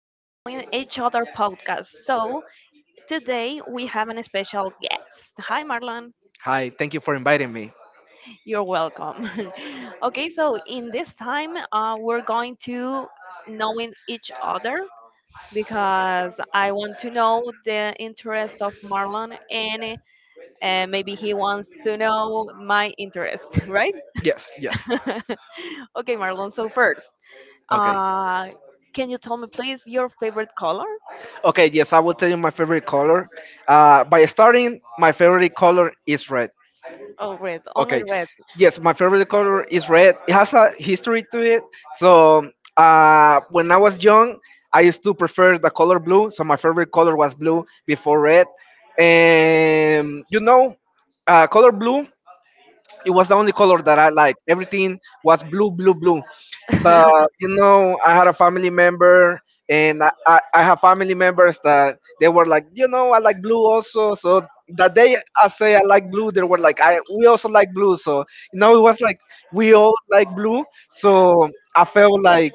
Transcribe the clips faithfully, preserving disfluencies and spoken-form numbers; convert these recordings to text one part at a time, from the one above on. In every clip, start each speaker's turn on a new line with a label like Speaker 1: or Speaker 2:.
Speaker 1: to Knowing Each Other podcast. So, today we have an special guest. Hi, Marlon.
Speaker 2: Hi, thank you for inviting me.
Speaker 1: You're welcome. okay, so in this time, uh, we're going to knowing each other because I want to know the interest of Marlon and uh, maybe he wants to know my interest, right?
Speaker 2: Yes, yes.
Speaker 1: okay, Marlon, so first,
Speaker 2: Okay.
Speaker 1: uh, can you tell me, please, your favorite color?
Speaker 2: Okay, yes, I will tell you my favorite color. Uh, by starting, my favorite color is red.
Speaker 1: Oh, red, only
Speaker 2: Okay.
Speaker 1: red.
Speaker 2: Yes, my favorite color is red. It has a history to it. So, uh, when I was young, I used to prefer the color blue. So, my favorite color was blue before red. And, you know, uh, color blue, it was the only color that I liked. Everything was blue, blue, blue. But you know, I had a family member, and I, I, I have family members that they were like, you know, I like blue also. So that day I say I like blue, they were like, I we also like blue. So you know, it was like we all like blue. So I felt like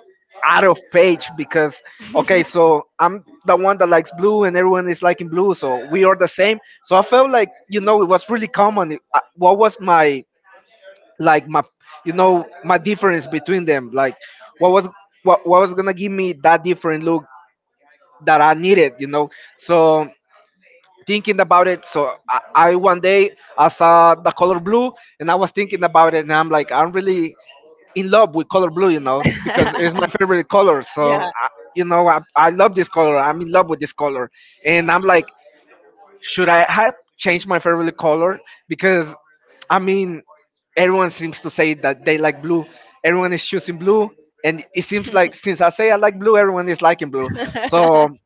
Speaker 2: out of page because okay, so I'm the one that likes blue and everyone is liking blue, so we are the same, so I felt like, you know, it was really common. It- uh, what was my like my, you know, my difference between them, like what was, what, what was gonna give me that different look that I needed, you know? So thinking about it, so I, I one day I saw the color blue and I was thinking about it and I'm like, I'm really in love with color blue, you know, because it's my favorite color. So
Speaker 1: yeah.
Speaker 2: I, you know, I, I love this color, I'm in love with this color, and I'm like, should I have changed my favorite color? Because, I mean, everyone seems to say that they like blue. Everyone is choosing blue. And it seems like since I say I like blue, everyone is liking blue. So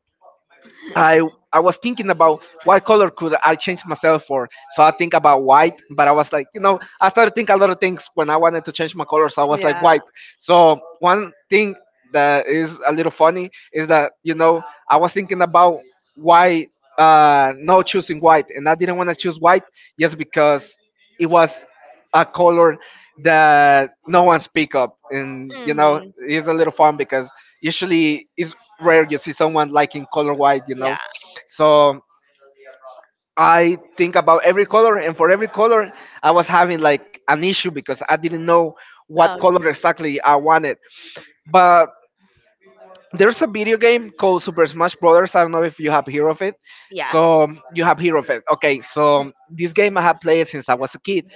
Speaker 2: I I was thinking about what color could I change myself for. So I think about white, but I was like, you know, I started thinking a lot of things when I wanted to change my color. So I was like
Speaker 1: yeah.
Speaker 2: white. So one thing that is a little funny is that, you know, I was thinking about why uh no choosing white, and I didn't want to choose white just because it was a color that no one's pick up, and you know,
Speaker 1: hmm
Speaker 2: it's a little fun because usually it's rare you see someone liking color white, you
Speaker 1: Yeah.
Speaker 2: know. So I think about every color, and for every color I was having like an issue because I didn't know what
Speaker 1: Okay.
Speaker 2: color exactly I wanted. But there's a video game called Super Smash Brothers. I don't know if you have heard of it.
Speaker 1: Yeah.
Speaker 2: So you have heard of it. Okay, so this game I have played since I was a kid,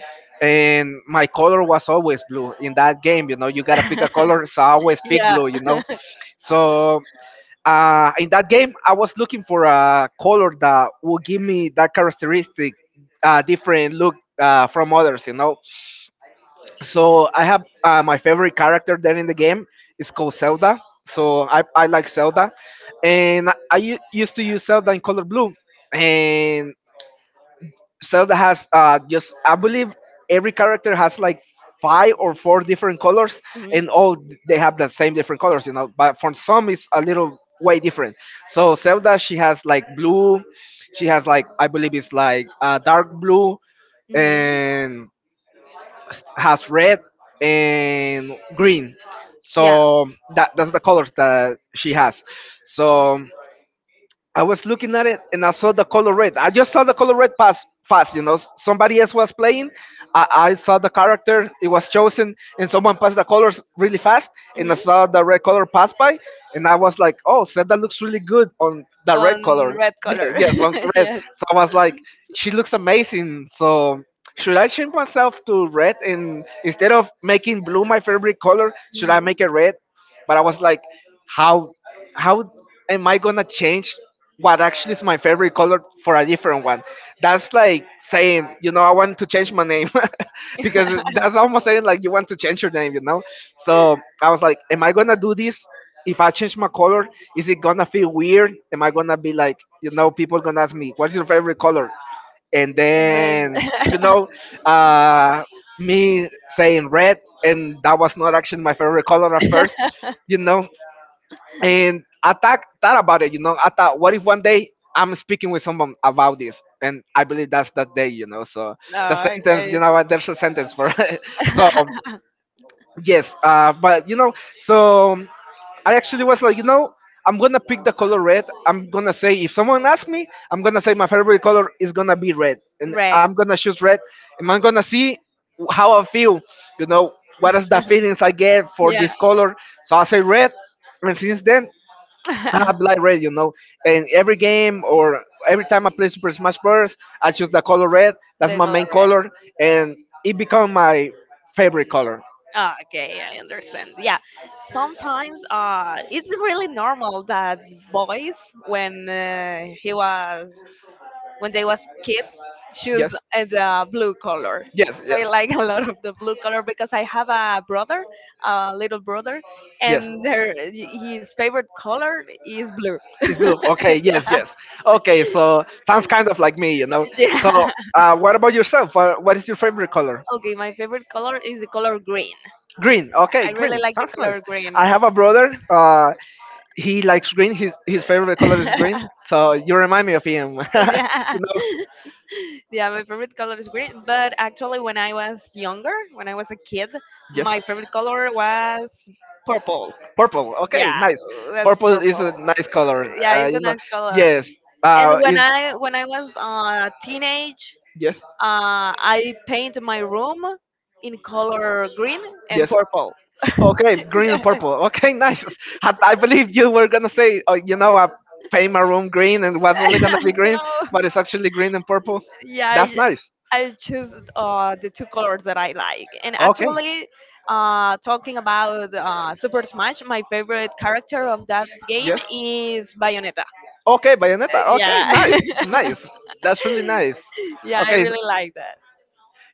Speaker 2: and my color was always blue in that game. You know, you gotta pick a color, so I always pick
Speaker 1: yeah.
Speaker 2: blue. You know, so uh, in that game I was looking for a color that would give me that characteristic, uh, different look uh, from others. You know, so I have uh, my favorite character there in the game is called Zelda. So I, I like Zelda, and I u- used to use Zelda in Color Blue, and Zelda has, uh, just I believe every character has like five or four different colors,
Speaker 1: hmm
Speaker 2: and all th- they have the same different colors, you know. But for some, it's a little way different. So Zelda, she has like blue, she has like, I believe it's like uh, dark blue,
Speaker 1: hmm
Speaker 2: and has red and green.
Speaker 1: Yeah.
Speaker 2: So that that's the colors that she has. So I was looking at it and I saw the color red. I just saw the color red pass fast, you know. s- Somebody else was playing. I, I saw the character, it was chosen, and someone passed the colors really fast. And I
Speaker 1: hmm
Speaker 2: saw the red color pass by, and I was like, oh, Zelda looks really good on the red
Speaker 1: On
Speaker 2: color.
Speaker 1: red
Speaker 2: Yeah,
Speaker 1: color.
Speaker 2: yes, on red.
Speaker 1: yes.
Speaker 2: So I was like, she looks amazing. So should I change myself to red? And instead of making blue my favorite color, should I
Speaker 1: hmm
Speaker 2: make it red? But I was like, how how am I gonna change what actually is my favorite color for a different one? That's like saying, you know, I want to change my name because that's almost saying like you want to change your name, you know. So I was like, am I gonna do this? If I change my color, is it gonna feel weird? Am I gonna be like, you know, people gonna ask me, what's your favorite color? And
Speaker 1: And then
Speaker 2: then you know, uh, me saying red, and that was not actually my favorite color at first, you know. And I thought, thought about it, you know, I thought what if one day I'm speaking with someone about this, and I believe that's that day, you know. So
Speaker 1: No,
Speaker 2: the sentence,
Speaker 1: okay.
Speaker 2: you know, there's a sentence for it. So yes, uh, but you know, so I actually was like, you know, I'm gonna pick the color red. I'm gonna say if someone asks me, I'm gonna say my favorite color is gonna be red, and I'm
Speaker 1: Red.
Speaker 2: gonna choose red, and I'm gonna see how I feel. You know, what is the feelings I get for
Speaker 1: Yeah.
Speaker 2: this color? So I say red, and since then I like red. You know, and every game or every time I play Super Smash Bros, I choose the color red. That's
Speaker 1: the
Speaker 2: my
Speaker 1: color
Speaker 2: main
Speaker 1: red.
Speaker 2: color, and it become my favorite color.
Speaker 1: Ah, okay, yeah, I understand. Yeah, sometimes uh, it's really normal that boys, when uh, he was when they was kids, choose
Speaker 2: Yes.
Speaker 1: uh, the blue color.
Speaker 2: Yes, yes,
Speaker 1: They like a lot of the blue color because I have a brother, a little brother,
Speaker 2: yes.
Speaker 1: and their his favorite color is blue.
Speaker 2: It's blue. Okay, yes,
Speaker 1: yeah,
Speaker 2: yes. Okay, so sounds kind of like me, you know. So,
Speaker 1: Yeah.
Speaker 2: uh, what about yourself? What, what is your favorite color?
Speaker 1: Okay, my favorite color is the color green.
Speaker 2: Green. Okay,
Speaker 1: I really
Speaker 2: green.
Speaker 1: like the
Speaker 2: Sounds nice.
Speaker 1: color green.
Speaker 2: I have a brother. Uh, he likes green. His his favorite color is green. So you remind me of him.
Speaker 1: yeah.
Speaker 2: you know.
Speaker 1: Yeah, my favorite color is green. But actually, when I was younger, when I was a kid,
Speaker 2: Yes.
Speaker 1: my favorite color was purple.
Speaker 2: Purple. Okay,
Speaker 1: Yeah,
Speaker 2: nice.
Speaker 1: that's
Speaker 2: Purple is
Speaker 1: purple.
Speaker 2: a nice color.
Speaker 1: Yeah,
Speaker 2: Uh,
Speaker 1: it's a
Speaker 2: you know.
Speaker 1: nice color.
Speaker 2: Yes.
Speaker 1: And
Speaker 2: Uh,
Speaker 1: when
Speaker 2: is
Speaker 1: I when I was a uh, teenage,
Speaker 2: yes.
Speaker 1: uh, I paint my room in color green and
Speaker 2: Yes.
Speaker 1: purple.
Speaker 2: Okay, green and purple. Okay, nice. I, I believe you were gonna say, oh, you know, I paint my room green and it was only
Speaker 1: Yeah,
Speaker 2: gonna be green, but
Speaker 1: no.
Speaker 2: it's actually green and purple.
Speaker 1: Yeah,
Speaker 2: That's
Speaker 1: I
Speaker 2: nice.
Speaker 1: I choose uh, the two colors that I like. And
Speaker 2: Okay.
Speaker 1: actually, uh, talking about uh, Super Smash, my favorite character of that game
Speaker 2: Yes.
Speaker 1: is Bayonetta.
Speaker 2: Okay, Bayonetta. Okay,
Speaker 1: Yeah,
Speaker 2: nice, nice. That's really nice.
Speaker 1: yeah, I
Speaker 2: Okay,
Speaker 1: really like that.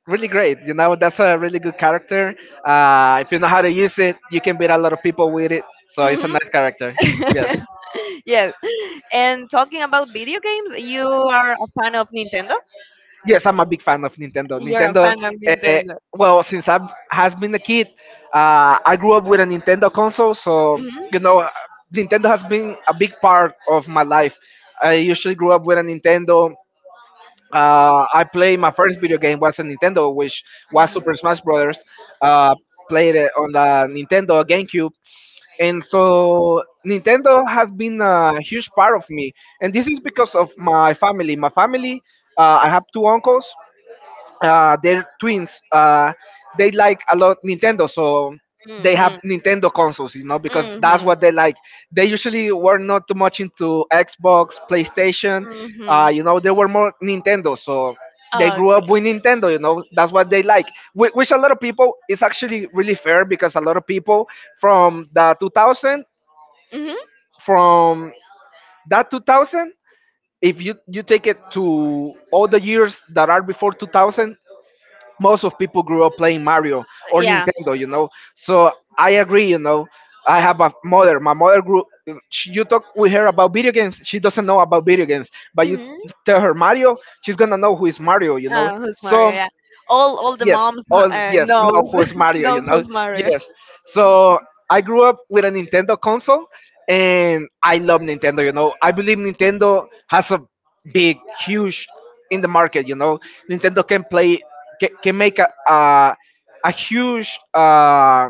Speaker 2: really great. You know, that's a really good character. Uh, if you know how to use it, you can beat a lot of people with it. So it's a
Speaker 1: Hmm
Speaker 2: nice character. Yes.
Speaker 1: yes. And talking about video games, you are a fan of Nintendo?
Speaker 2: Yes, I'm a big fan of Nintendo.
Speaker 1: You're a
Speaker 2: Nintendo,
Speaker 1: fan of
Speaker 2: uh,
Speaker 1: Nintendo.
Speaker 2: well, since I has been a kid, uh, I grew up with a Nintendo console, so
Speaker 1: Hmm
Speaker 2: you know, uh, Nintendo has been a big part of my life. I usually grew up with a Nintendo. Uh, I played my first video game was a Nintendo, which was Super Smash Brothers. Uh, played it on the Nintendo GameCube, and so Nintendo has been a huge part of me. And this is because of my family. My family, uh, I have two uncles, uh, they're twins. Uh, they like a lot Nintendo, so they have
Speaker 1: hmm
Speaker 2: Nintendo consoles, you know, because that's
Speaker 1: hmm
Speaker 2: what they like. They usually were not too much into Xbox, PlayStation.
Speaker 1: hmm
Speaker 2: Uh, you know, they were more Nintendo, so they
Speaker 1: Oh,
Speaker 2: grew up
Speaker 1: great.
Speaker 2: with Nintendo. You know, that's what they like. Whi- Which a lot of people is actually really fair because a lot of people from the two thousand,
Speaker 1: Mhm.
Speaker 2: from that two thousand. If you, you take it to all the years that are before two thousand, most of people grew up playing Mario or
Speaker 1: Yeah.
Speaker 2: Nintendo, you know. So I agree, you know. I have a mother. My mother grew. She, you talk with her about video games. She doesn't know about video games, but you
Speaker 1: Mhm.
Speaker 2: tell her Mario, she's gonna know who is Mario, you know.
Speaker 1: Uh, who's Mario?
Speaker 2: So
Speaker 1: Yeah. All all the
Speaker 2: yes.
Speaker 1: moms
Speaker 2: Oh,
Speaker 1: uh,
Speaker 2: yes. No,
Speaker 1: knows
Speaker 2: who is Mario? You
Speaker 1: knows
Speaker 2: know.
Speaker 1: who's Mario.
Speaker 2: Yes. So I grew up with a Nintendo console, and I love Nintendo. You know, I believe Nintendo has a big, huge in the market. You know, Nintendo can play, can, can make a a, a huge uh,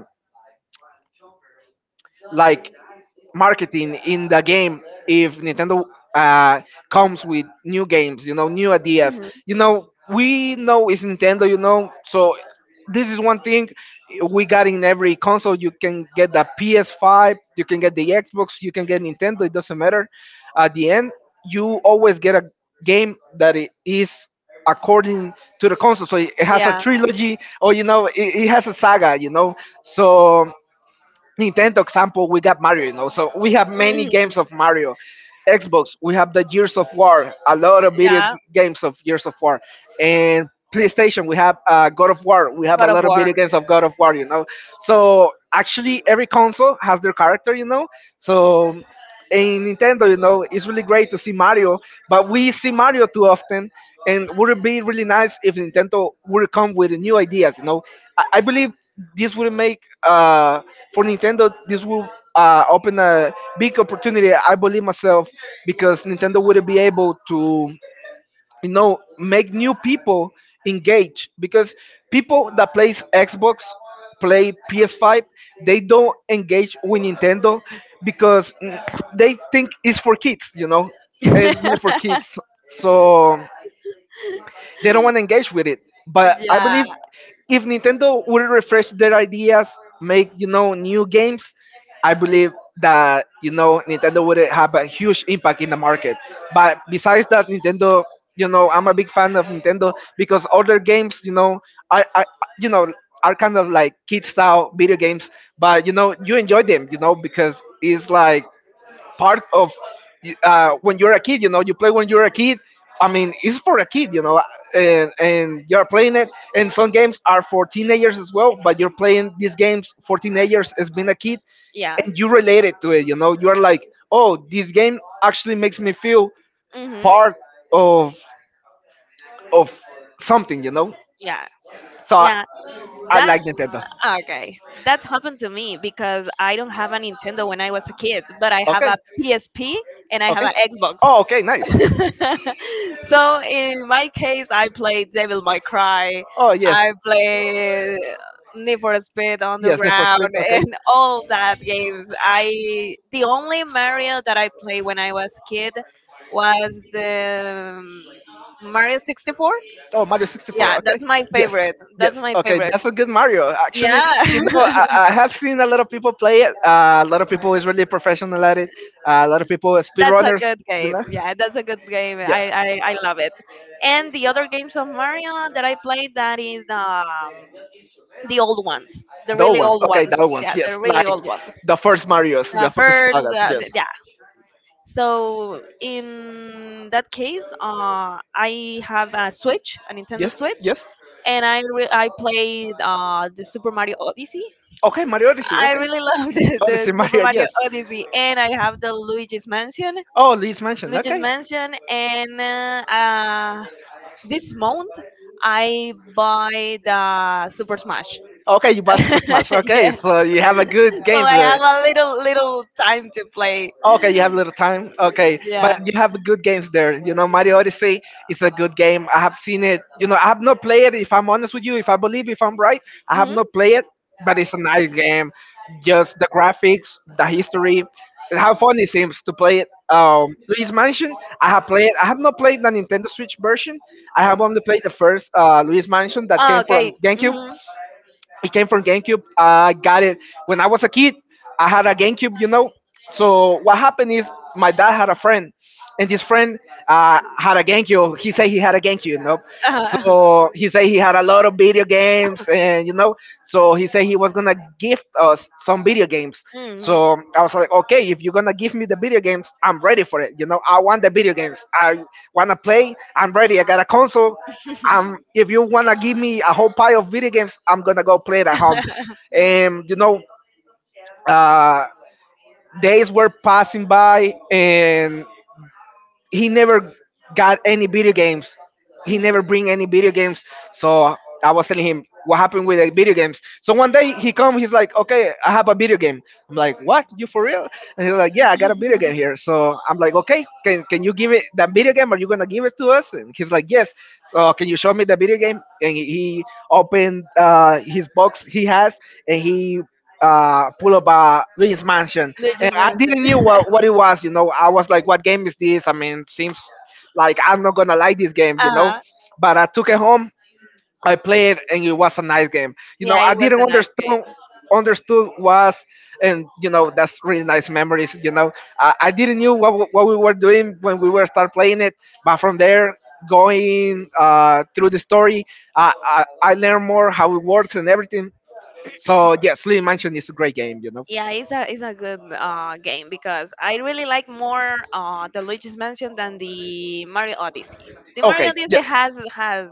Speaker 2: like marketing in the game if Nintendo uh, comes with new games, you know, new ideas.
Speaker 1: Mhm.
Speaker 2: You know, we know it's Nintendo, you know, so this is one thing we got in every console. You can get the P S five, you can get the Xbox, you can get Nintendo, it doesn't matter. At the end, you always get a game that it is according to the console, so it it has a
Speaker 1: Yeah.
Speaker 2: trilogy, or you know it, it has a saga, you know. So Nintendo example, we got Mario, you know. So we have many
Speaker 1: Mhm.
Speaker 2: games of Mario. Xbox, we have the Years of War, a lot of video g-
Speaker 1: Yeah.
Speaker 2: games of Years of War, and PlayStation, we have uh, God of War, we have a
Speaker 1: God of
Speaker 2: lot of
Speaker 1: War.
Speaker 2: video games of God of War, you know. So actually, every console has their character, you know. So in Nintendo, you know, it's really great to see Mario, but we see Mario too often, and would it be really nice if Nintendo would come with new ideas, you know? I, I believe this would make uh, for Nintendo, this will uh, open a big opportunity, I believe myself, because Nintendo would be able to, you know, make new people engage. Because people that plays Xbox, play P S five, they don't engage with Nintendo because mm, they think it's for kids, you know, it's made for kids. So they don't want to engage with it. But I
Speaker 1: yeah.
Speaker 2: believe if Nintendo would refresh their ideas, make you know new games, I believe that you know Nintendo would have a huge impact in the market. But besides that, Nintendo, you know, I'm a big fan of Nintendo because other games, you know, are, are you know are kind of like kid style video games, but you know you enjoy them, you know, because it's like part of uh, when you're a kid. You know, you play when you're a kid. I mean, it's for a kid, you know, and, and you're playing it. And some games are for teenagers as well, but you're playing these games for teenagers as being a kid,
Speaker 1: Yeah.
Speaker 2: and you relate it to it. You know, you are like, oh, this game actually makes me feel
Speaker 1: Mhm.
Speaker 2: part of of something. You know,
Speaker 1: Yeah.
Speaker 2: so
Speaker 1: Yeah,
Speaker 2: I
Speaker 1: that
Speaker 2: like Nintendo.
Speaker 1: okay. That's happened to me because I don't have a Nintendo when I was a kid, but I have
Speaker 2: Okay.
Speaker 1: a P S P and I have
Speaker 2: Okay.
Speaker 1: an
Speaker 2: Oh, okay, nice.
Speaker 1: Xbox. so in my case, I play Devil May Cry,
Speaker 2: Oh, yes.
Speaker 1: I play uh, Need for Speed
Speaker 2: Yes, Need for
Speaker 1: Underground,
Speaker 2: Speed. Okay.
Speaker 1: and all that games. I the only Mario that I played when I was a kid was the um, Mario sixty-four.
Speaker 2: Oh, Mario sixty-four.
Speaker 1: Yeah,
Speaker 2: Okay.
Speaker 1: that's my
Speaker 2: Yes.
Speaker 1: favorite. That's
Speaker 2: Yes.
Speaker 1: my
Speaker 2: Okay.
Speaker 1: favorite.
Speaker 2: That's a good Mario. Actually, you know,
Speaker 1: Yeah.
Speaker 2: I, I have seen a lot of people play it. Uh, a lot of people is really professional at it. Uh, a lot of people are
Speaker 1: that's a
Speaker 2: speedrunners.
Speaker 1: good
Speaker 2: You
Speaker 1: game.
Speaker 2: know.
Speaker 1: Yeah, that's a good game.
Speaker 2: Yes.
Speaker 1: I, I, I love it. And the other games of Mario that I played that is um, the old ones, the
Speaker 2: Those
Speaker 1: really
Speaker 2: ones.
Speaker 1: old
Speaker 2: Okay.
Speaker 1: ones.
Speaker 2: Those ones.
Speaker 1: Yeah, the
Speaker 2: Yes.
Speaker 1: really
Speaker 2: Like
Speaker 1: old ones.
Speaker 2: the first Mario's, the
Speaker 1: The
Speaker 2: first
Speaker 1: birds,
Speaker 2: sagas. Yes.
Speaker 1: the, yeah. So in that case, uh, I have a Switch, a Nintendo
Speaker 2: Yes.
Speaker 1: Switch,
Speaker 2: Yes.
Speaker 1: and I re- I played uh, the Super Mario Odyssey.
Speaker 2: Okay. Mario Odyssey.
Speaker 1: I
Speaker 2: Okay.
Speaker 1: really love the,
Speaker 2: Odyssey
Speaker 1: the Super
Speaker 2: Mario.
Speaker 1: Mario
Speaker 2: Yes.
Speaker 1: Odyssey, and I have the Luigi's Mansion,
Speaker 2: Oh, Luigi's Mansion.
Speaker 1: Luigi's
Speaker 2: Okay.
Speaker 1: Mansion, and uh, uh, this month I buy the Super Smash.
Speaker 2: Okay, you bought Super Smash. Okay,
Speaker 1: yes,
Speaker 2: so you have a good
Speaker 1: so
Speaker 2: games
Speaker 1: I have
Speaker 2: there.
Speaker 1: a little little time to play.
Speaker 2: Okay, you have little time. Okay, but
Speaker 1: Yeah.
Speaker 2: you have good games there. You know, Mario Odyssey is a good game. I have seen it. You know, I have not played it. If I'm honest with you, if I believe, if I'm right, I have
Speaker 1: hmm
Speaker 2: not played it. But it's a nice game. Just the graphics, the history, and how fun it seems to play it. Um, Luigi's Mansion, I have played. I have not played the Nintendo Switch version. I have only played the first uh, Luigi's Mansion that
Speaker 1: Oh,
Speaker 2: came
Speaker 1: okay.
Speaker 2: from GameCube.
Speaker 1: hmm
Speaker 2: It came from GameCube. I got it when I was a kid. I had a GameCube, you know. So what happened is my dad had a friend, and this friend uh, had a GameCube. He said he had a GameCube, you know. So he said he had a lot of video games, and you know. So he said he was gonna gift us some video games. So I was like, okay, if you're gonna give me the video games, I'm ready for it. You know, I want the video games. I wanna play. I'm ready. I got a console. Um, if you wanna give me a whole pile of video games, I'm gonna go play it at home. And you know, uh, days were passing by, and he never got any video games. He never
Speaker 1: hmm
Speaker 2: bring any video games. So I was telling him what happened with the video games. So one day he come, he's like, okay, I have a video game. I'm like, what? You for real? And he's
Speaker 1: hmm
Speaker 2: like, yeah, I got a video game here. So I'm like, okay, can can you give it that video game? Are you gonna give it to us? And he's like, yes. So can you show me the video game? And he he opened uh, his box he has, and he uh, pull up a Luigi's Mansion
Speaker 1: They
Speaker 2: and
Speaker 1: just
Speaker 2: I
Speaker 1: mentioned.
Speaker 2: didn't knew what, what it was, you know. I was like, what game is this? I mean, seems like I'm not gonna like this game, you know.
Speaker 1: uh-huh.
Speaker 2: But I took it home, I played, and it was a nice game. You know,
Speaker 1: Yeah,
Speaker 2: I
Speaker 1: it was
Speaker 2: didn't
Speaker 1: a nice
Speaker 2: understand
Speaker 1: game.
Speaker 2: understood was, and you know that's really nice memories. You know i, I didn't knew what, w- what we were doing when we were start playing it, but from there, going uh, through the story, I, I i learned more how it works and everything. So yes, Lee Mansion is a great game you know
Speaker 1: Yeah, it's a it's a good uh, game because I really like more uh, the Luigi's Mansion than the Mario Odyssey. The Mario
Speaker 2: Okay,
Speaker 1: Odyssey
Speaker 2: yes.
Speaker 1: has has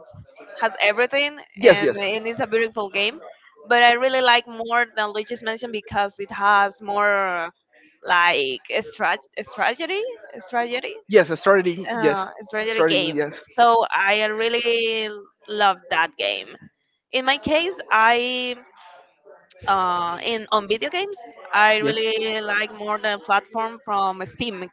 Speaker 1: has everything
Speaker 2: Yes,
Speaker 1: and,
Speaker 2: yes,
Speaker 1: and it's a beautiful game, but I really like more the Luigi's Mansion because it has more like a strat- a strategy, a strategy,
Speaker 2: yes. A strategy, yes,
Speaker 1: uh, strategy
Speaker 2: strategy,
Speaker 1: game.
Speaker 2: yes.
Speaker 1: So I really love that game. In my case, I uh, in on video games, I
Speaker 2: Yes.
Speaker 1: really like more the platform from Steam,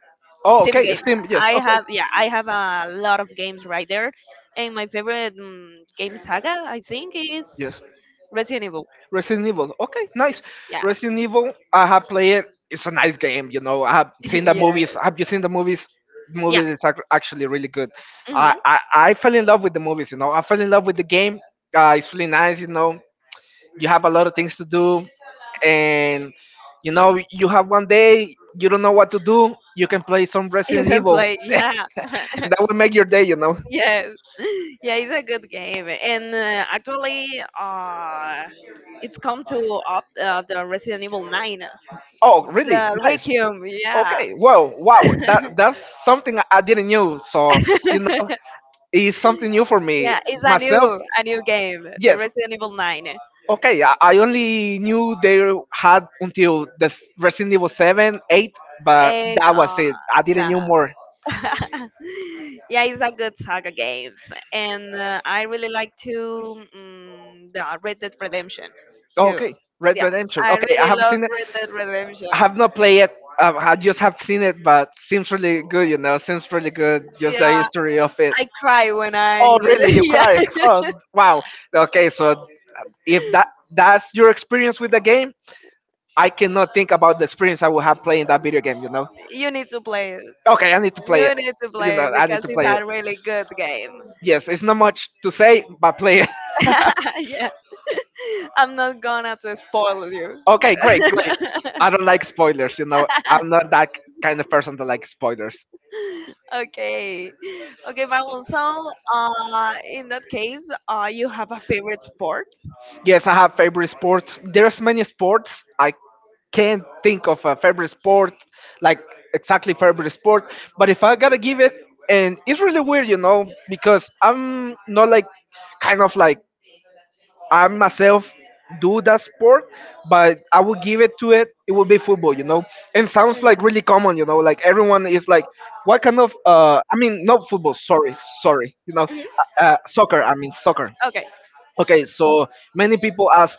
Speaker 2: Oh,
Speaker 1: Steam
Speaker 2: okay.
Speaker 1: games.
Speaker 2: Steam. Yes.
Speaker 1: I
Speaker 2: Okay.
Speaker 1: have yeah, I have a lot of games right there, and my favorite mm game saga I think
Speaker 2: Yes.
Speaker 1: is Resident Evil.
Speaker 2: Resident Evil. Okay, nice.
Speaker 1: Yeah,
Speaker 2: Resident Evil. I have played it. It's a nice game. You know, I have seen the
Speaker 1: yeah,
Speaker 2: movies. Have you seen the movies?
Speaker 1: yeah.
Speaker 2: Movies is ac- actually really good. I,
Speaker 1: hmm
Speaker 2: I I fell in love with the movies. You know, I fell in love with the game. Uh, it's really nice. You know, you have a lot of things to do, and you know, you have one day you don't know what to do. You can play some
Speaker 1: You
Speaker 2: Resident
Speaker 1: can
Speaker 2: Evil,
Speaker 1: play, yeah.
Speaker 2: and that will make your day. You know.
Speaker 1: Yes, yeah, it's a good game, and uh, actually, uh, it's come to up uh, the Resident Evil Nine,
Speaker 2: Oh, really?
Speaker 1: the
Speaker 2: Nice.
Speaker 1: Requiem, yeah,
Speaker 2: Okay. Well, wow. That that's something I didn't knew. So you know, it's something new for me
Speaker 1: yeah, it's a
Speaker 2: myself.
Speaker 1: new a new game, the
Speaker 2: Yes.
Speaker 1: Resident Evil Nine,
Speaker 2: Okay. I, I only knew they had until the s- Resident Evil Seven, Eight, but
Speaker 1: and
Speaker 2: that was
Speaker 1: uh,
Speaker 2: it. I didn't
Speaker 1: nah.
Speaker 2: knew more.
Speaker 1: yeah, it's a good saga games, and uh, I really like to mm the Red Dead Redemption too.
Speaker 2: Okay. Red
Speaker 1: Yeah,
Speaker 2: Redemption.
Speaker 1: I
Speaker 2: Okay, I
Speaker 1: really
Speaker 2: have
Speaker 1: love
Speaker 2: seen it.
Speaker 1: Red Dead Redemption.
Speaker 2: I have not played it. Um, I just have seen it, but seems really good. You know, seems really good. Just the
Speaker 1: Yeah,
Speaker 2: history of it.
Speaker 1: I cry when I
Speaker 2: Oh, really? You
Speaker 1: yeah.
Speaker 2: cry? Oh, wow. Okay, so if that that's your experience with the game, I cannot think about the experience I will have playing that video game. You know?
Speaker 1: You need to play it.
Speaker 2: Okay, I need to play it.
Speaker 1: You need to
Speaker 2: You
Speaker 1: play
Speaker 2: know,
Speaker 1: it
Speaker 2: I need
Speaker 1: because
Speaker 2: to
Speaker 1: it's
Speaker 2: play it.
Speaker 1: a really good game.
Speaker 2: Yes, it's not much to say, but play it.
Speaker 1: yeah, I'm not gonna to spoil you.
Speaker 2: okay, great, great. I don't like spoilers. You know, I'm not that kind of person that likes spoilers.
Speaker 1: Okay, okay, Marlon. So, uh, in that case, uh, you have a favorite sport?
Speaker 2: Yes, I have favorite sports. There's many sports. I can't think of a favorite sport, like exactly favorite sport. But if I gotta give it, and it's really weird, you know, because I'm not like kind of like I myself do that sport, but I would give it to it. It would be football, you know. And sounds like
Speaker 1: Mm.
Speaker 2: really common, you know, like everyone is like, what kind of? Uh, I mean, not football. Sorry, sorry, you know,
Speaker 1: Mhm.
Speaker 2: uh, uh, soccer. I mean soccer.
Speaker 1: Okay,
Speaker 2: Okay, so many people ask,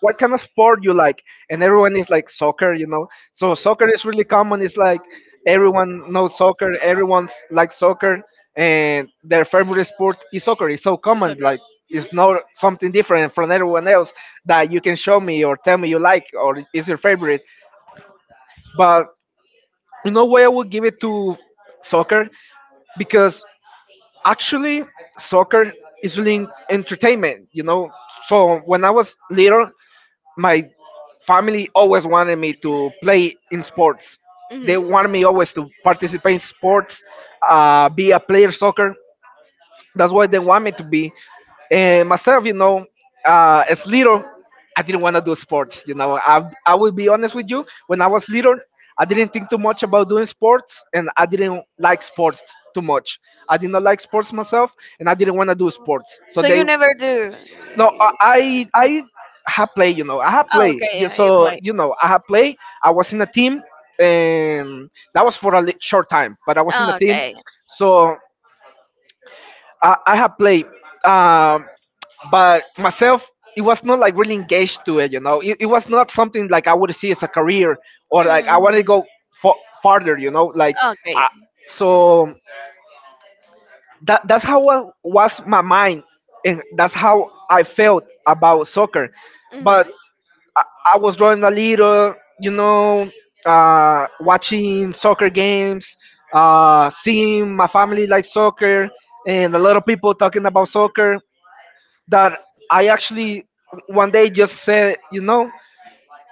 Speaker 2: what kind of sport you like? And everyone is like soccer, you know. So soccer is really common. It's like everyone knows soccer. Everyone likes soccer, and their favorite sport is soccer. It's so
Speaker 1: it's
Speaker 2: common.
Speaker 1: okay.
Speaker 2: Like
Speaker 1: Mhm.
Speaker 2: it's not something different from everyone else that you can show me or tell me you like or is your favorite. But you know why I would give it to soccer, because actually, soccer is really en- entertainment, you know. So when I was little, my family always wanted me to play in sports. They wanted me always to participate in sports, uh, be a player soccer. That's why they want me to be.
Speaker 1: Mhm.
Speaker 2: And myself, you know, uh, as little, I didn't want to do sports. You know, I I will be honest with you. When I was little, I didn't think too much about doing sports, and I didn't like sports too much. I did not like sports myself, and I didn't want to do sports. So
Speaker 1: So you
Speaker 2: they,
Speaker 1: never do.
Speaker 2: no, I I I have play. You know, I have
Speaker 1: Oh,
Speaker 2: play.
Speaker 1: okay,
Speaker 2: Yeah,
Speaker 1: yeah, you
Speaker 2: so
Speaker 1: play.
Speaker 2: you know, I have play. I was in a team, and that was for a li- short time. But I was in a
Speaker 1: Oh,
Speaker 2: team,
Speaker 1: Okay.
Speaker 2: so. I, I have played, um, but myself, it was not like really engaged to it. You know, it, it was not something like I would see as a career or like I wanted to
Speaker 1: hmm
Speaker 2: go for, farther. You know, like
Speaker 1: Okay.
Speaker 2: I, so that that's how wa- was my mind, and that's how I felt about soccer.
Speaker 1: hmm
Speaker 2: But I, I was growing a little, you know, uh, watching soccer games, uh, seeing my family like soccer, and a lot of people talking about soccer that I actually one day just said, you know,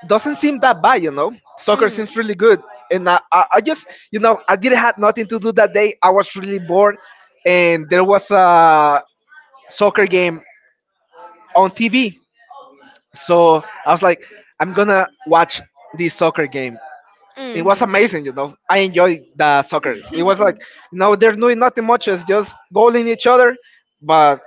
Speaker 2: doesn't seem that bad, you know. Soccer
Speaker 1: hmm
Speaker 2: seems really good, and I, I, I just, you know, I didn't have nothing to do that day. I was really bored, and there was a soccer game on T V, so I was like, I'm gonna watch this soccer game. It was
Speaker 1: hmm
Speaker 2: amazing, you know. I enjoyed the soccer. It was like, you know, they're doing nothing much, it's just goaling each other, but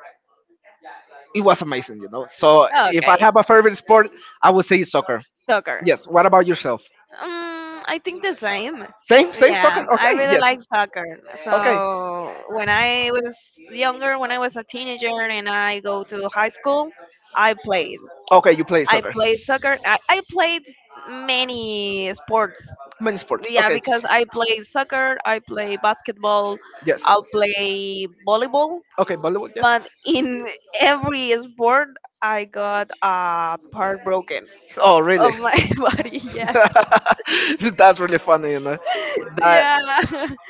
Speaker 2: it was amazing, you know. So if I
Speaker 1: Okay.
Speaker 2: have a favorite sport, I would say soccer.
Speaker 1: Soccer.
Speaker 2: Yes. What about yourself?
Speaker 1: Um, I think the same.
Speaker 2: Same, same soccer.
Speaker 1: Yeah, I
Speaker 2: Okay.
Speaker 1: really
Speaker 2: Yes.
Speaker 1: like soccer.
Speaker 2: Okay.
Speaker 1: So when I was younger, when I was a teenager and I go to high school, I played.
Speaker 2: Okay. You play
Speaker 1: I
Speaker 2: soccer.
Speaker 1: played soccer. I, I played many sports.
Speaker 2: Many sports.
Speaker 1: Yeah,
Speaker 2: Okay.
Speaker 1: because I play soccer, I play basketball,
Speaker 2: Yes.
Speaker 1: I'll play volleyball.
Speaker 2: Okay. Volleyball. Yeah.
Speaker 1: But in every sport, I got a part broken
Speaker 2: Oh,
Speaker 1: of
Speaker 2: really?
Speaker 1: my body. Yes.
Speaker 2: That's really funny, you know. That
Speaker 1: Yeah.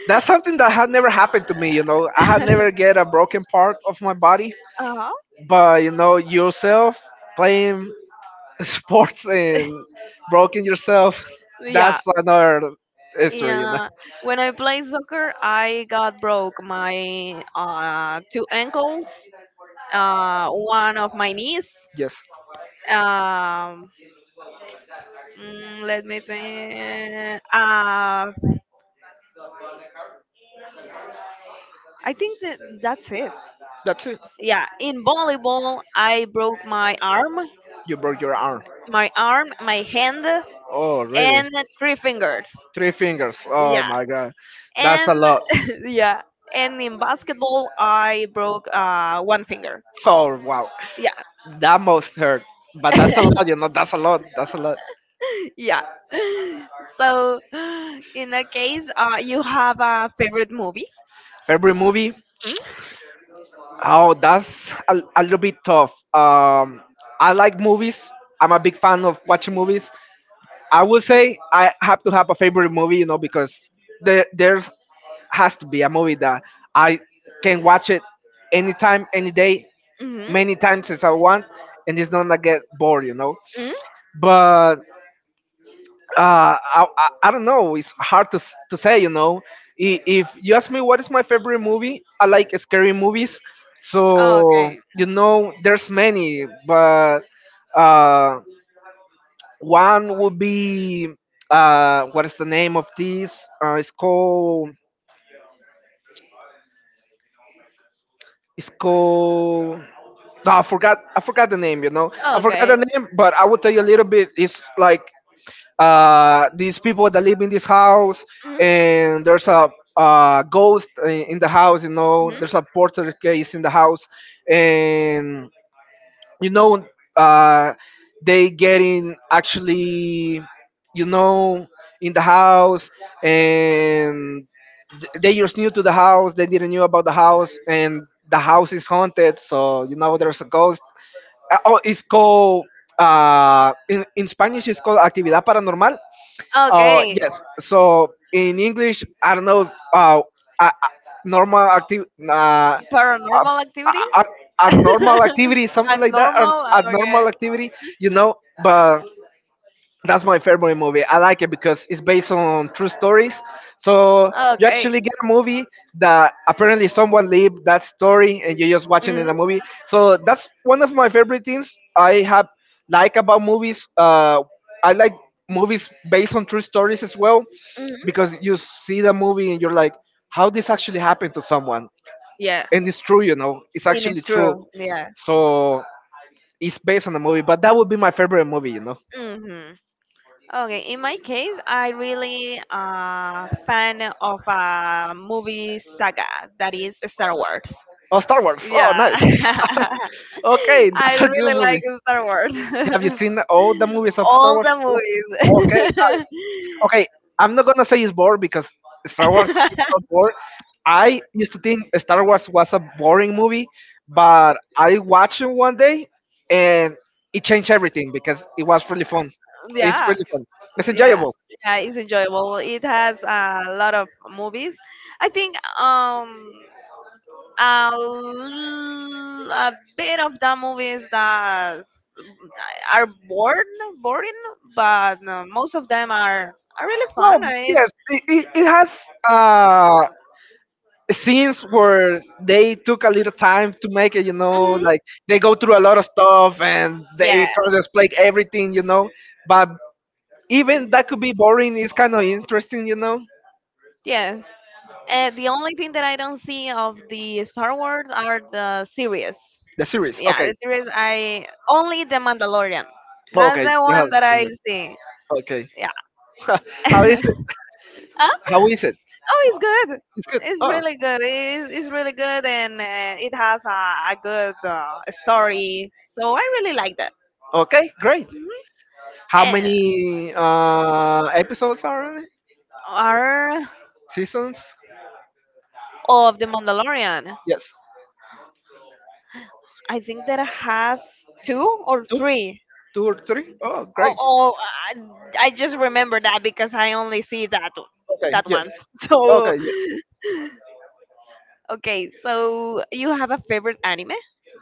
Speaker 2: that's something that had never happened to me, you know. I had never get a broken part of my body,
Speaker 1: uh-huh.
Speaker 2: but you know, yourself playing sports and broken yourself,
Speaker 1: Yeah.
Speaker 2: that's another history, you know.
Speaker 1: Yeah. When I played soccer, I got broke my uh, two ankles, uh, one of my knees.
Speaker 2: Yes.
Speaker 1: Um, mm, let me think. Uh, I think that that's it.
Speaker 2: That's it.
Speaker 1: Yeah. In volleyball, I broke my arm,
Speaker 2: You broke your arm.
Speaker 1: my arm, my hand,
Speaker 2: Oh, really?
Speaker 1: and three fingers.
Speaker 2: Three fingers. Oh
Speaker 1: Yeah.
Speaker 2: my god, that's
Speaker 1: And
Speaker 2: a lot.
Speaker 1: yeah, and in basketball I broke uh, one finger.
Speaker 2: Oh wow,
Speaker 1: Yeah.
Speaker 2: that must hurt. But that's a lot, you know. That's a lot. That's a lot.
Speaker 1: Yeah. so in that case, uh, you have a favorite movie,
Speaker 2: Favorite movie?
Speaker 1: mm?
Speaker 2: Oh, that's a, a little bit tough. Um, I like movies. I'm a big fan of watching movies. I would say I have to have a favorite movie, you know, because there there's has to be a movie that I can watch it anytime, any day,
Speaker 1: Hmm
Speaker 2: many times as I want, and it's not gonna get bored, you know.
Speaker 1: mm
Speaker 2: But uh, I, I I don't know. It's hard to s- to say, you know. I- If you ask me what is my favorite movie, I like scary movies. So
Speaker 1: okay
Speaker 2: you know, there's many, but uh, one would be uh, what is the name of this? Uh, it's called it's called. No, I forgot. I forgot the name. You know, I forgot
Speaker 1: okay
Speaker 2: the name, but I will tell you a little bit. It's like uh, these people that live in this house,
Speaker 1: hmm
Speaker 2: and there's a uh, ghost i- in the house. You know,
Speaker 1: hmm
Speaker 2: there's a porter case in the house, and you know uh they getting actually you know in the house, and th- they just new to the house. They didn't knew about the house, and the house is haunted, so you know there's a ghost. Uh, oh, it's called uh in, in Spanish it's called actividad paranormal. Uh,
Speaker 1: okay
Speaker 2: yes. So in English, I don't know. Uh, a, a- normal active, uh, a,
Speaker 1: paranormal activity
Speaker 2: a, a normal activity, something like that. An
Speaker 1: abnormal okay
Speaker 2: abnormal activity, you know. But that's my favorite movie. I like it because it's based on true stories. So you
Speaker 1: okay
Speaker 2: actually get a movie that apparently someone lived that story, and you're just watching in
Speaker 1: hmm
Speaker 2: a movie. So that's one of my favorite things I have like about movies. Uh, I like movies based on true stories as well,
Speaker 1: hmm
Speaker 2: because you see the movie and you're like, how this actually happened to someone,
Speaker 1: yeah
Speaker 2: and it's true, you know, it's
Speaker 1: It
Speaker 2: actually
Speaker 1: is
Speaker 2: true.
Speaker 1: true. Yeah.
Speaker 2: So it's based on a movie, but that would be my favorite movie, you know.
Speaker 1: Mm-hmm. Okay, in my case, I really uh fan of a movie saga that is Star Wars.
Speaker 2: Oh, Star Wars. Oh,
Speaker 1: Yeah,
Speaker 2: nice. Okay,
Speaker 1: I
Speaker 2: that's a
Speaker 1: really
Speaker 2: good
Speaker 1: like
Speaker 2: movie.
Speaker 1: Star Wars.
Speaker 2: Have you seen all the movies of Star
Speaker 1: All
Speaker 2: Wars?
Speaker 1: the
Speaker 2: Okay,
Speaker 1: movies.
Speaker 2: nice. Okay. I'm not gonna say it's bored because Star Wars is not bored. I used to think Star Wars was a boring movie, but I watched it one day and it changed everything because it was really fun. It's
Speaker 1: yeah,
Speaker 2: really fun. It's
Speaker 1: yeah,
Speaker 2: enjoyable.
Speaker 1: yeah. It's enjoyable. It has a lot of movies. I think um a, l- a bit of the movies that s- are bored, boring, but uh, most of them are, are really fun.
Speaker 2: No,
Speaker 1: It's,
Speaker 2: yes, it, it, it has uh, scenes where they took a little time to make it, you know,
Speaker 1: mhm.
Speaker 2: like they go through a lot of stuff and they
Speaker 1: Yeah,
Speaker 2: try to explain everything, you know. But even that could be boring, it's kind of interesting, you know.
Speaker 1: yeah. Uh, the only thing that I don't see of the Star Wars are the series.
Speaker 2: The series,
Speaker 1: Yeah, the
Speaker 2: okay,
Speaker 1: series I only the Mandalorian. That's
Speaker 2: okay,
Speaker 1: the
Speaker 2: you
Speaker 1: one
Speaker 2: have
Speaker 1: that I
Speaker 2: seen it,
Speaker 1: see.
Speaker 2: okay. How is
Speaker 1: Yeah.
Speaker 2: it?
Speaker 1: Huh?
Speaker 2: How is it?
Speaker 1: Oh, it's good.
Speaker 2: It's good.
Speaker 1: It's
Speaker 2: Oh,
Speaker 1: really good. It's, it's really good, and uh, it has a, a good uh, story. So I really like that.
Speaker 2: okay, great.
Speaker 1: Mhm.
Speaker 2: How
Speaker 1: And
Speaker 2: many uh, episodes are on it?
Speaker 1: are
Speaker 2: Seasons?
Speaker 1: of the Mandalorian?
Speaker 2: Yes,
Speaker 1: I think that has two or
Speaker 2: two,
Speaker 1: three.
Speaker 2: two or three. Oh,
Speaker 1: Oh,
Speaker 2: great.
Speaker 1: oh I, I just remember that because I only see that o-
Speaker 2: Okay,
Speaker 1: that
Speaker 2: yes.
Speaker 1: once. So
Speaker 2: Okay, yes.
Speaker 1: okay. So you have a favorite anime?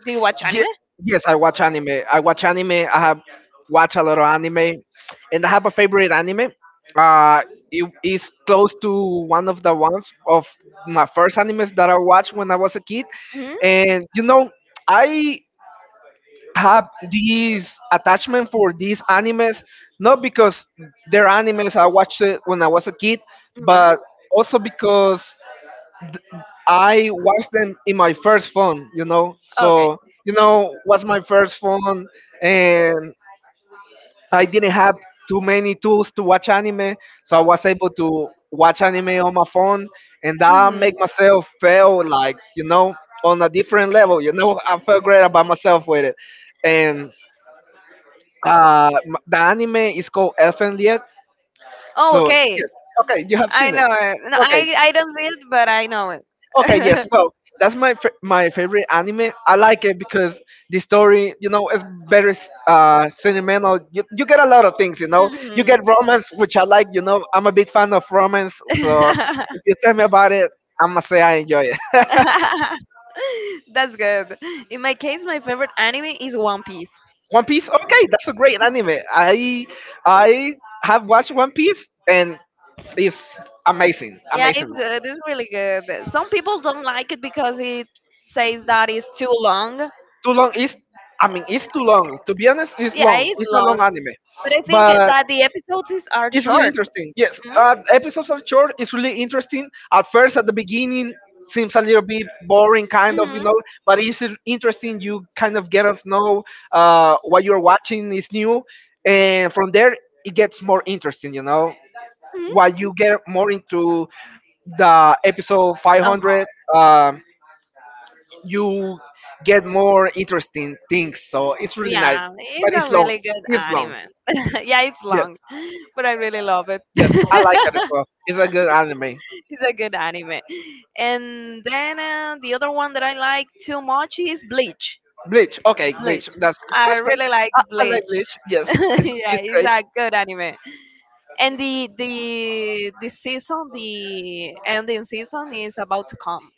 Speaker 1: Do you watch
Speaker 2: Ye-
Speaker 1: anime?
Speaker 2: yes, I watch anime. I watch anime. I have watch a lot of anime, and I have a favorite anime. Uh, it is close to one of the ones of my first animes that I watched when I was a kid,
Speaker 1: Hmm
Speaker 2: and you know, I have this attachment for these animes not because they're animes I watched it when I was a kid, but
Speaker 1: hmm
Speaker 2: also because I watched them in my first phone, you know.
Speaker 1: Okay.
Speaker 2: So, you know, was my first phone, and I didn't have too many tools to watch anime, so I was able to watch anime on my phone, and that make
Speaker 1: Mm-hmm.
Speaker 2: myself feel like, you know, on a different level, you know. I felt great about myself with it. And uh m- the anime is called Elfen Lied.
Speaker 1: Oh,
Speaker 2: So,
Speaker 1: okay.
Speaker 2: yes. Okay, you have
Speaker 1: I
Speaker 2: seen it.
Speaker 1: know it. No,
Speaker 2: Okay.
Speaker 1: I, I don't see it, but I know it.
Speaker 2: Okay, yes. Well, that's my fa- my favorite anime. I like it because the story, you know, is very uh sentimental. You, you get a lot of things, you know. You
Speaker 1: Mhm.
Speaker 2: get romance, which I like. You know, I'm a big fan of romance. So if you tell me about it, I'm gonna say I enjoy it.
Speaker 1: That's good. In my case, my favorite anime is One Piece.
Speaker 2: One Piece, okay, that's a great anime. I I have watched One Piece and it's amazing,
Speaker 1: Yeah, it's
Speaker 2: amazing.
Speaker 1: good. It's really good. Some people don't like it because it says that it's too long.
Speaker 2: Too long is, I mean, it's too long. To be honest, it's
Speaker 1: Yeah,
Speaker 2: long.
Speaker 1: it's
Speaker 2: It's a long
Speaker 1: long,
Speaker 2: anime,
Speaker 1: but I think
Speaker 2: but
Speaker 1: that the episodes is- are
Speaker 2: it's really
Speaker 1: short.
Speaker 2: interesting. Yes, uh, episodes are short. It's really interesting. At first, at the beginning, seems a little bit boring, kind of, you
Speaker 1: Mm-hmm.
Speaker 2: know. But it's in- interesting. You kind of get to know uh, what you're watching is new, and from there it gets more interesting. You know,
Speaker 1: hmm
Speaker 2: while you get more into the episode
Speaker 1: Uh-huh.
Speaker 2: five hundred, um, you get more interesting things. So it's really nice,
Speaker 1: Yeah, it's
Speaker 2: but
Speaker 1: a
Speaker 2: it's long.
Speaker 1: really good
Speaker 2: It's long.
Speaker 1: anime. yeah, it's
Speaker 2: Yes,
Speaker 1: long, but I really love it.
Speaker 2: yes, I like that as well. It's a good anime.
Speaker 1: It's a good anime. And then uh, the other one that I like too much is Bleach.
Speaker 2: Bleach. Okay, Bleach.
Speaker 1: Bleach.
Speaker 2: That's
Speaker 1: I
Speaker 2: that's great.
Speaker 1: really like
Speaker 2: I, I like
Speaker 1: Bleach.
Speaker 2: Bleach. Yes, it's
Speaker 1: yeah,
Speaker 2: it's
Speaker 1: it's
Speaker 2: great.
Speaker 1: a good anime. And the the the season, the ending season is about to come.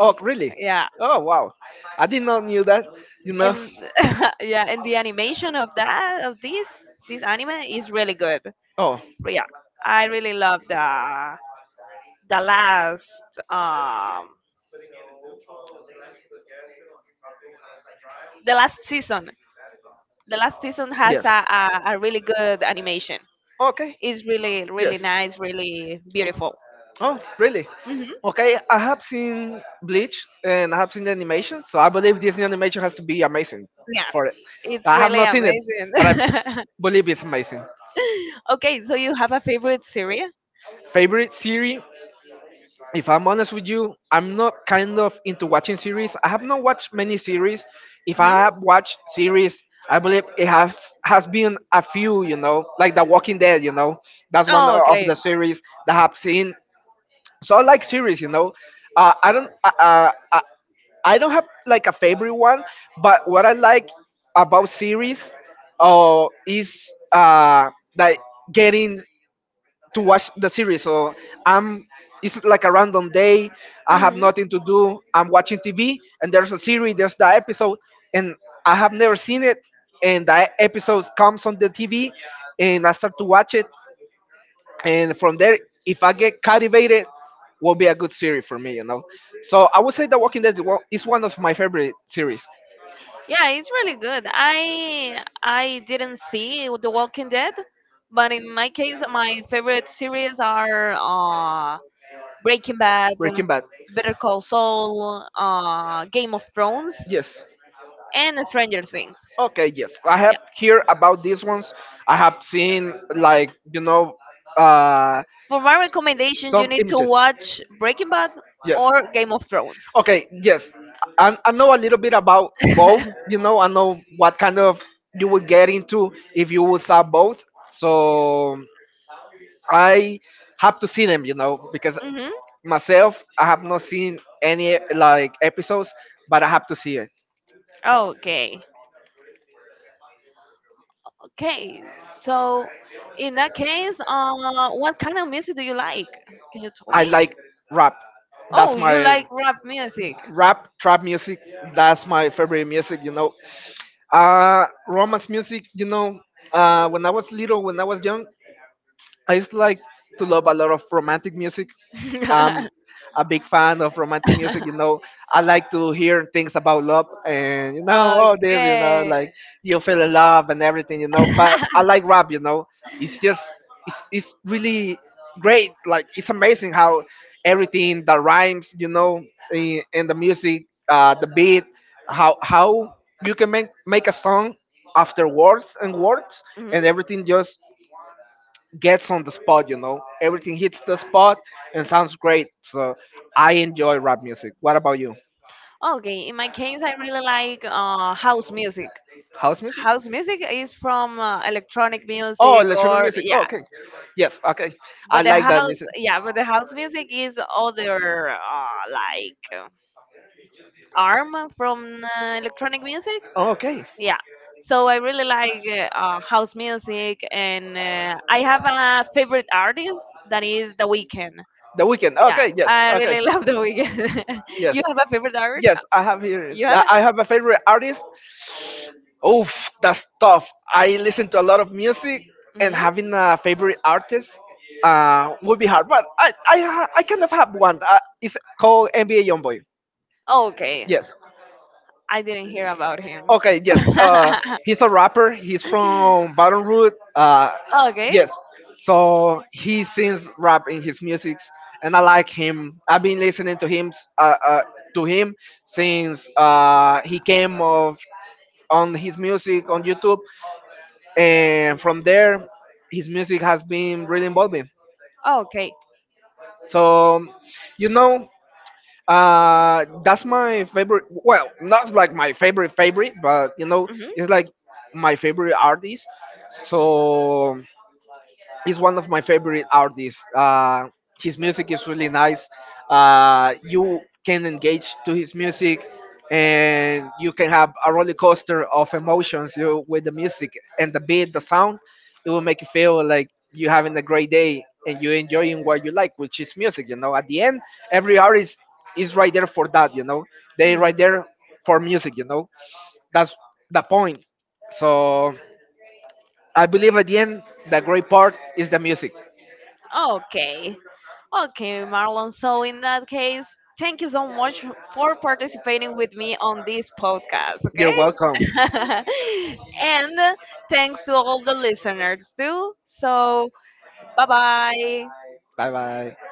Speaker 2: Oh, really?
Speaker 1: Yeah.
Speaker 2: Oh, wow. I did not knew that. You know.
Speaker 1: And yeah, and the animation of that of this this anime is really good.
Speaker 2: Oh,
Speaker 1: But yeah, I really love the the last um the last season the last season has
Speaker 2: yes.
Speaker 1: a, a, a really good animation.
Speaker 2: Okay.
Speaker 1: It's really really
Speaker 2: Yes.
Speaker 1: nice, really beautiful.
Speaker 2: Oh, really?
Speaker 1: Hmm
Speaker 2: Okay, I have seen Bleach and I have seen the animation, so I believe Disney animation has to be amazing
Speaker 1: Yeah,
Speaker 2: for it.
Speaker 1: it's
Speaker 2: I have
Speaker 1: really
Speaker 2: not seen it, but I
Speaker 1: amazing.
Speaker 2: believe it's amazing.
Speaker 1: okay so you have a favorite series?
Speaker 2: Favorite series? If I'm honest with you, I'm not kind of into watching series. I have not watched many series. If I
Speaker 1: Hmm
Speaker 2: have watched series, I believe it has has been a few, you know, like The Walking Dead, you know. That's one o- of the series that I've seen. So I like series, you know. Uh, I don't uh, uh, I, I don't have like a favorite one, but what I like about series uh, is uh, that getting to watch the series. So I'm it's like a random day. I have nothing to do. I'm watching T V and there's a series, there's the episode, and I have never seen it. And the episode comes on the T V, and I start to watch it. And from there, if I get captivated, will be a good series for me, you know. So I would say The Walking Dead is one is one of my favorite series.
Speaker 1: Yeah, it's really good. I I didn't see The Walking Dead, but in my case, my favorite series are uh, Breaking Bad,
Speaker 2: Breaking Bad,
Speaker 1: Better Call Saul, uh, Game of Thrones,
Speaker 2: yes.
Speaker 1: and Stranger Things.
Speaker 2: Okay, yes. I
Speaker 1: Yeah.
Speaker 2: have heard about these ones. I have seen like, you know, uh
Speaker 1: For my recommendation, you
Speaker 2: some
Speaker 1: need to
Speaker 2: images.
Speaker 1: watch Breaking Bad
Speaker 2: Yes.
Speaker 1: or Game of Thrones.
Speaker 2: Okay, yes. I, I know a little bit about both. You know, I know what kind of you will get into if you will sell both. So I have to see them, you know, because
Speaker 1: hmm
Speaker 2: myself I have not seen any like episodes, but I have to see it.
Speaker 1: Okay. Okay, so in that case, uh, what kind of music do you like? Can you tell
Speaker 2: I
Speaker 1: me?
Speaker 2: like rap.
Speaker 1: Oh,
Speaker 2: That's
Speaker 1: you like
Speaker 2: my
Speaker 1: rap music.
Speaker 2: rap trap music. That's my favorite music. you know uh romance music. you know uh when I was little, when I was young, I used to like to love a lot of romantic music. I'm a big fan of romantic music. You know, I like to hear things about love, and you know all this. You know,
Speaker 1: okay.
Speaker 2: like you feel in love and everything. You know, but I like rap. You know, it's just it's it's really great. Like it's amazing how everything that rhymes. You know, in, in the music, uh, the beat, how how you can make make a song after words and words, and
Speaker 1: Mhm.
Speaker 2: everything just gets on the spot, you know. Everything hits the spot and sounds great. So I enjoy rap music. What about you?
Speaker 1: Okay, in my case, I really like uh, house music.
Speaker 2: House music?
Speaker 1: House music is from uh, electronic
Speaker 2: Oh,
Speaker 1: music
Speaker 2: electronic
Speaker 1: or
Speaker 2: music. Oh,
Speaker 1: yeah,
Speaker 2: okay. Yes, okay. I
Speaker 1: but the
Speaker 2: like that
Speaker 1: house
Speaker 2: music.
Speaker 1: yeah, but the house music is other uh, like uh, arm from uh, electronic music.
Speaker 2: Oh, okay.
Speaker 1: Yeah. So I really like uh, uh, house music, and uh, I have a favorite artist that is The Weeknd.
Speaker 2: The weekend.
Speaker 1: Yeah,
Speaker 2: Okay, yes.
Speaker 1: I
Speaker 2: Okay.
Speaker 1: really love The Weeknd. you
Speaker 2: Yes.
Speaker 1: have a favorite artist?
Speaker 2: Yes, I have here
Speaker 1: You have?
Speaker 2: I I have a favorite artist. Oof, that's tough. I listen to a lot of music, and
Speaker 1: Hmm
Speaker 2: having a favorite artist uh, would be hard. But I, I, ha- I kind of have one. Uh, it's called N B A Youngboy.
Speaker 1: Okay,
Speaker 2: Yes.
Speaker 1: I didn't hear about him.
Speaker 2: Okay. Yes. Uh, he's a rapper. He's from Baton Rouge. Uh,
Speaker 1: okay.
Speaker 2: yes. So he sings rap in his music, and I like him. I've been listening to him, uh, uh, to him since uh, he came of on his music on YouTube, and from there his music has been really involving. So you know uh that's my favorite, well, not like my favorite favorite, but you know it's like my favorite artist. So he's one of my favorite artists. Uh, his music is really nice. Uh, you can engage to his music, and you can have a roller coaster of emotions, you know, with the music and the beat, the sound. It will make you feel like you're having a great day and you're enjoying what you like, which is music. You know, at the end, every artist is right there for that. You know, they
Speaker 1: Mm.
Speaker 2: right there for music. You know, that's the point. So I believe at the end, the great part is the music.
Speaker 1: Okay. Okay, Marlon. So in that case, thank you so much for participating with me on this podcast,
Speaker 2: You're
Speaker 1: okay?
Speaker 2: welcome.
Speaker 1: and thanks to all the listeners too. So, bye-bye.
Speaker 2: Bye bye.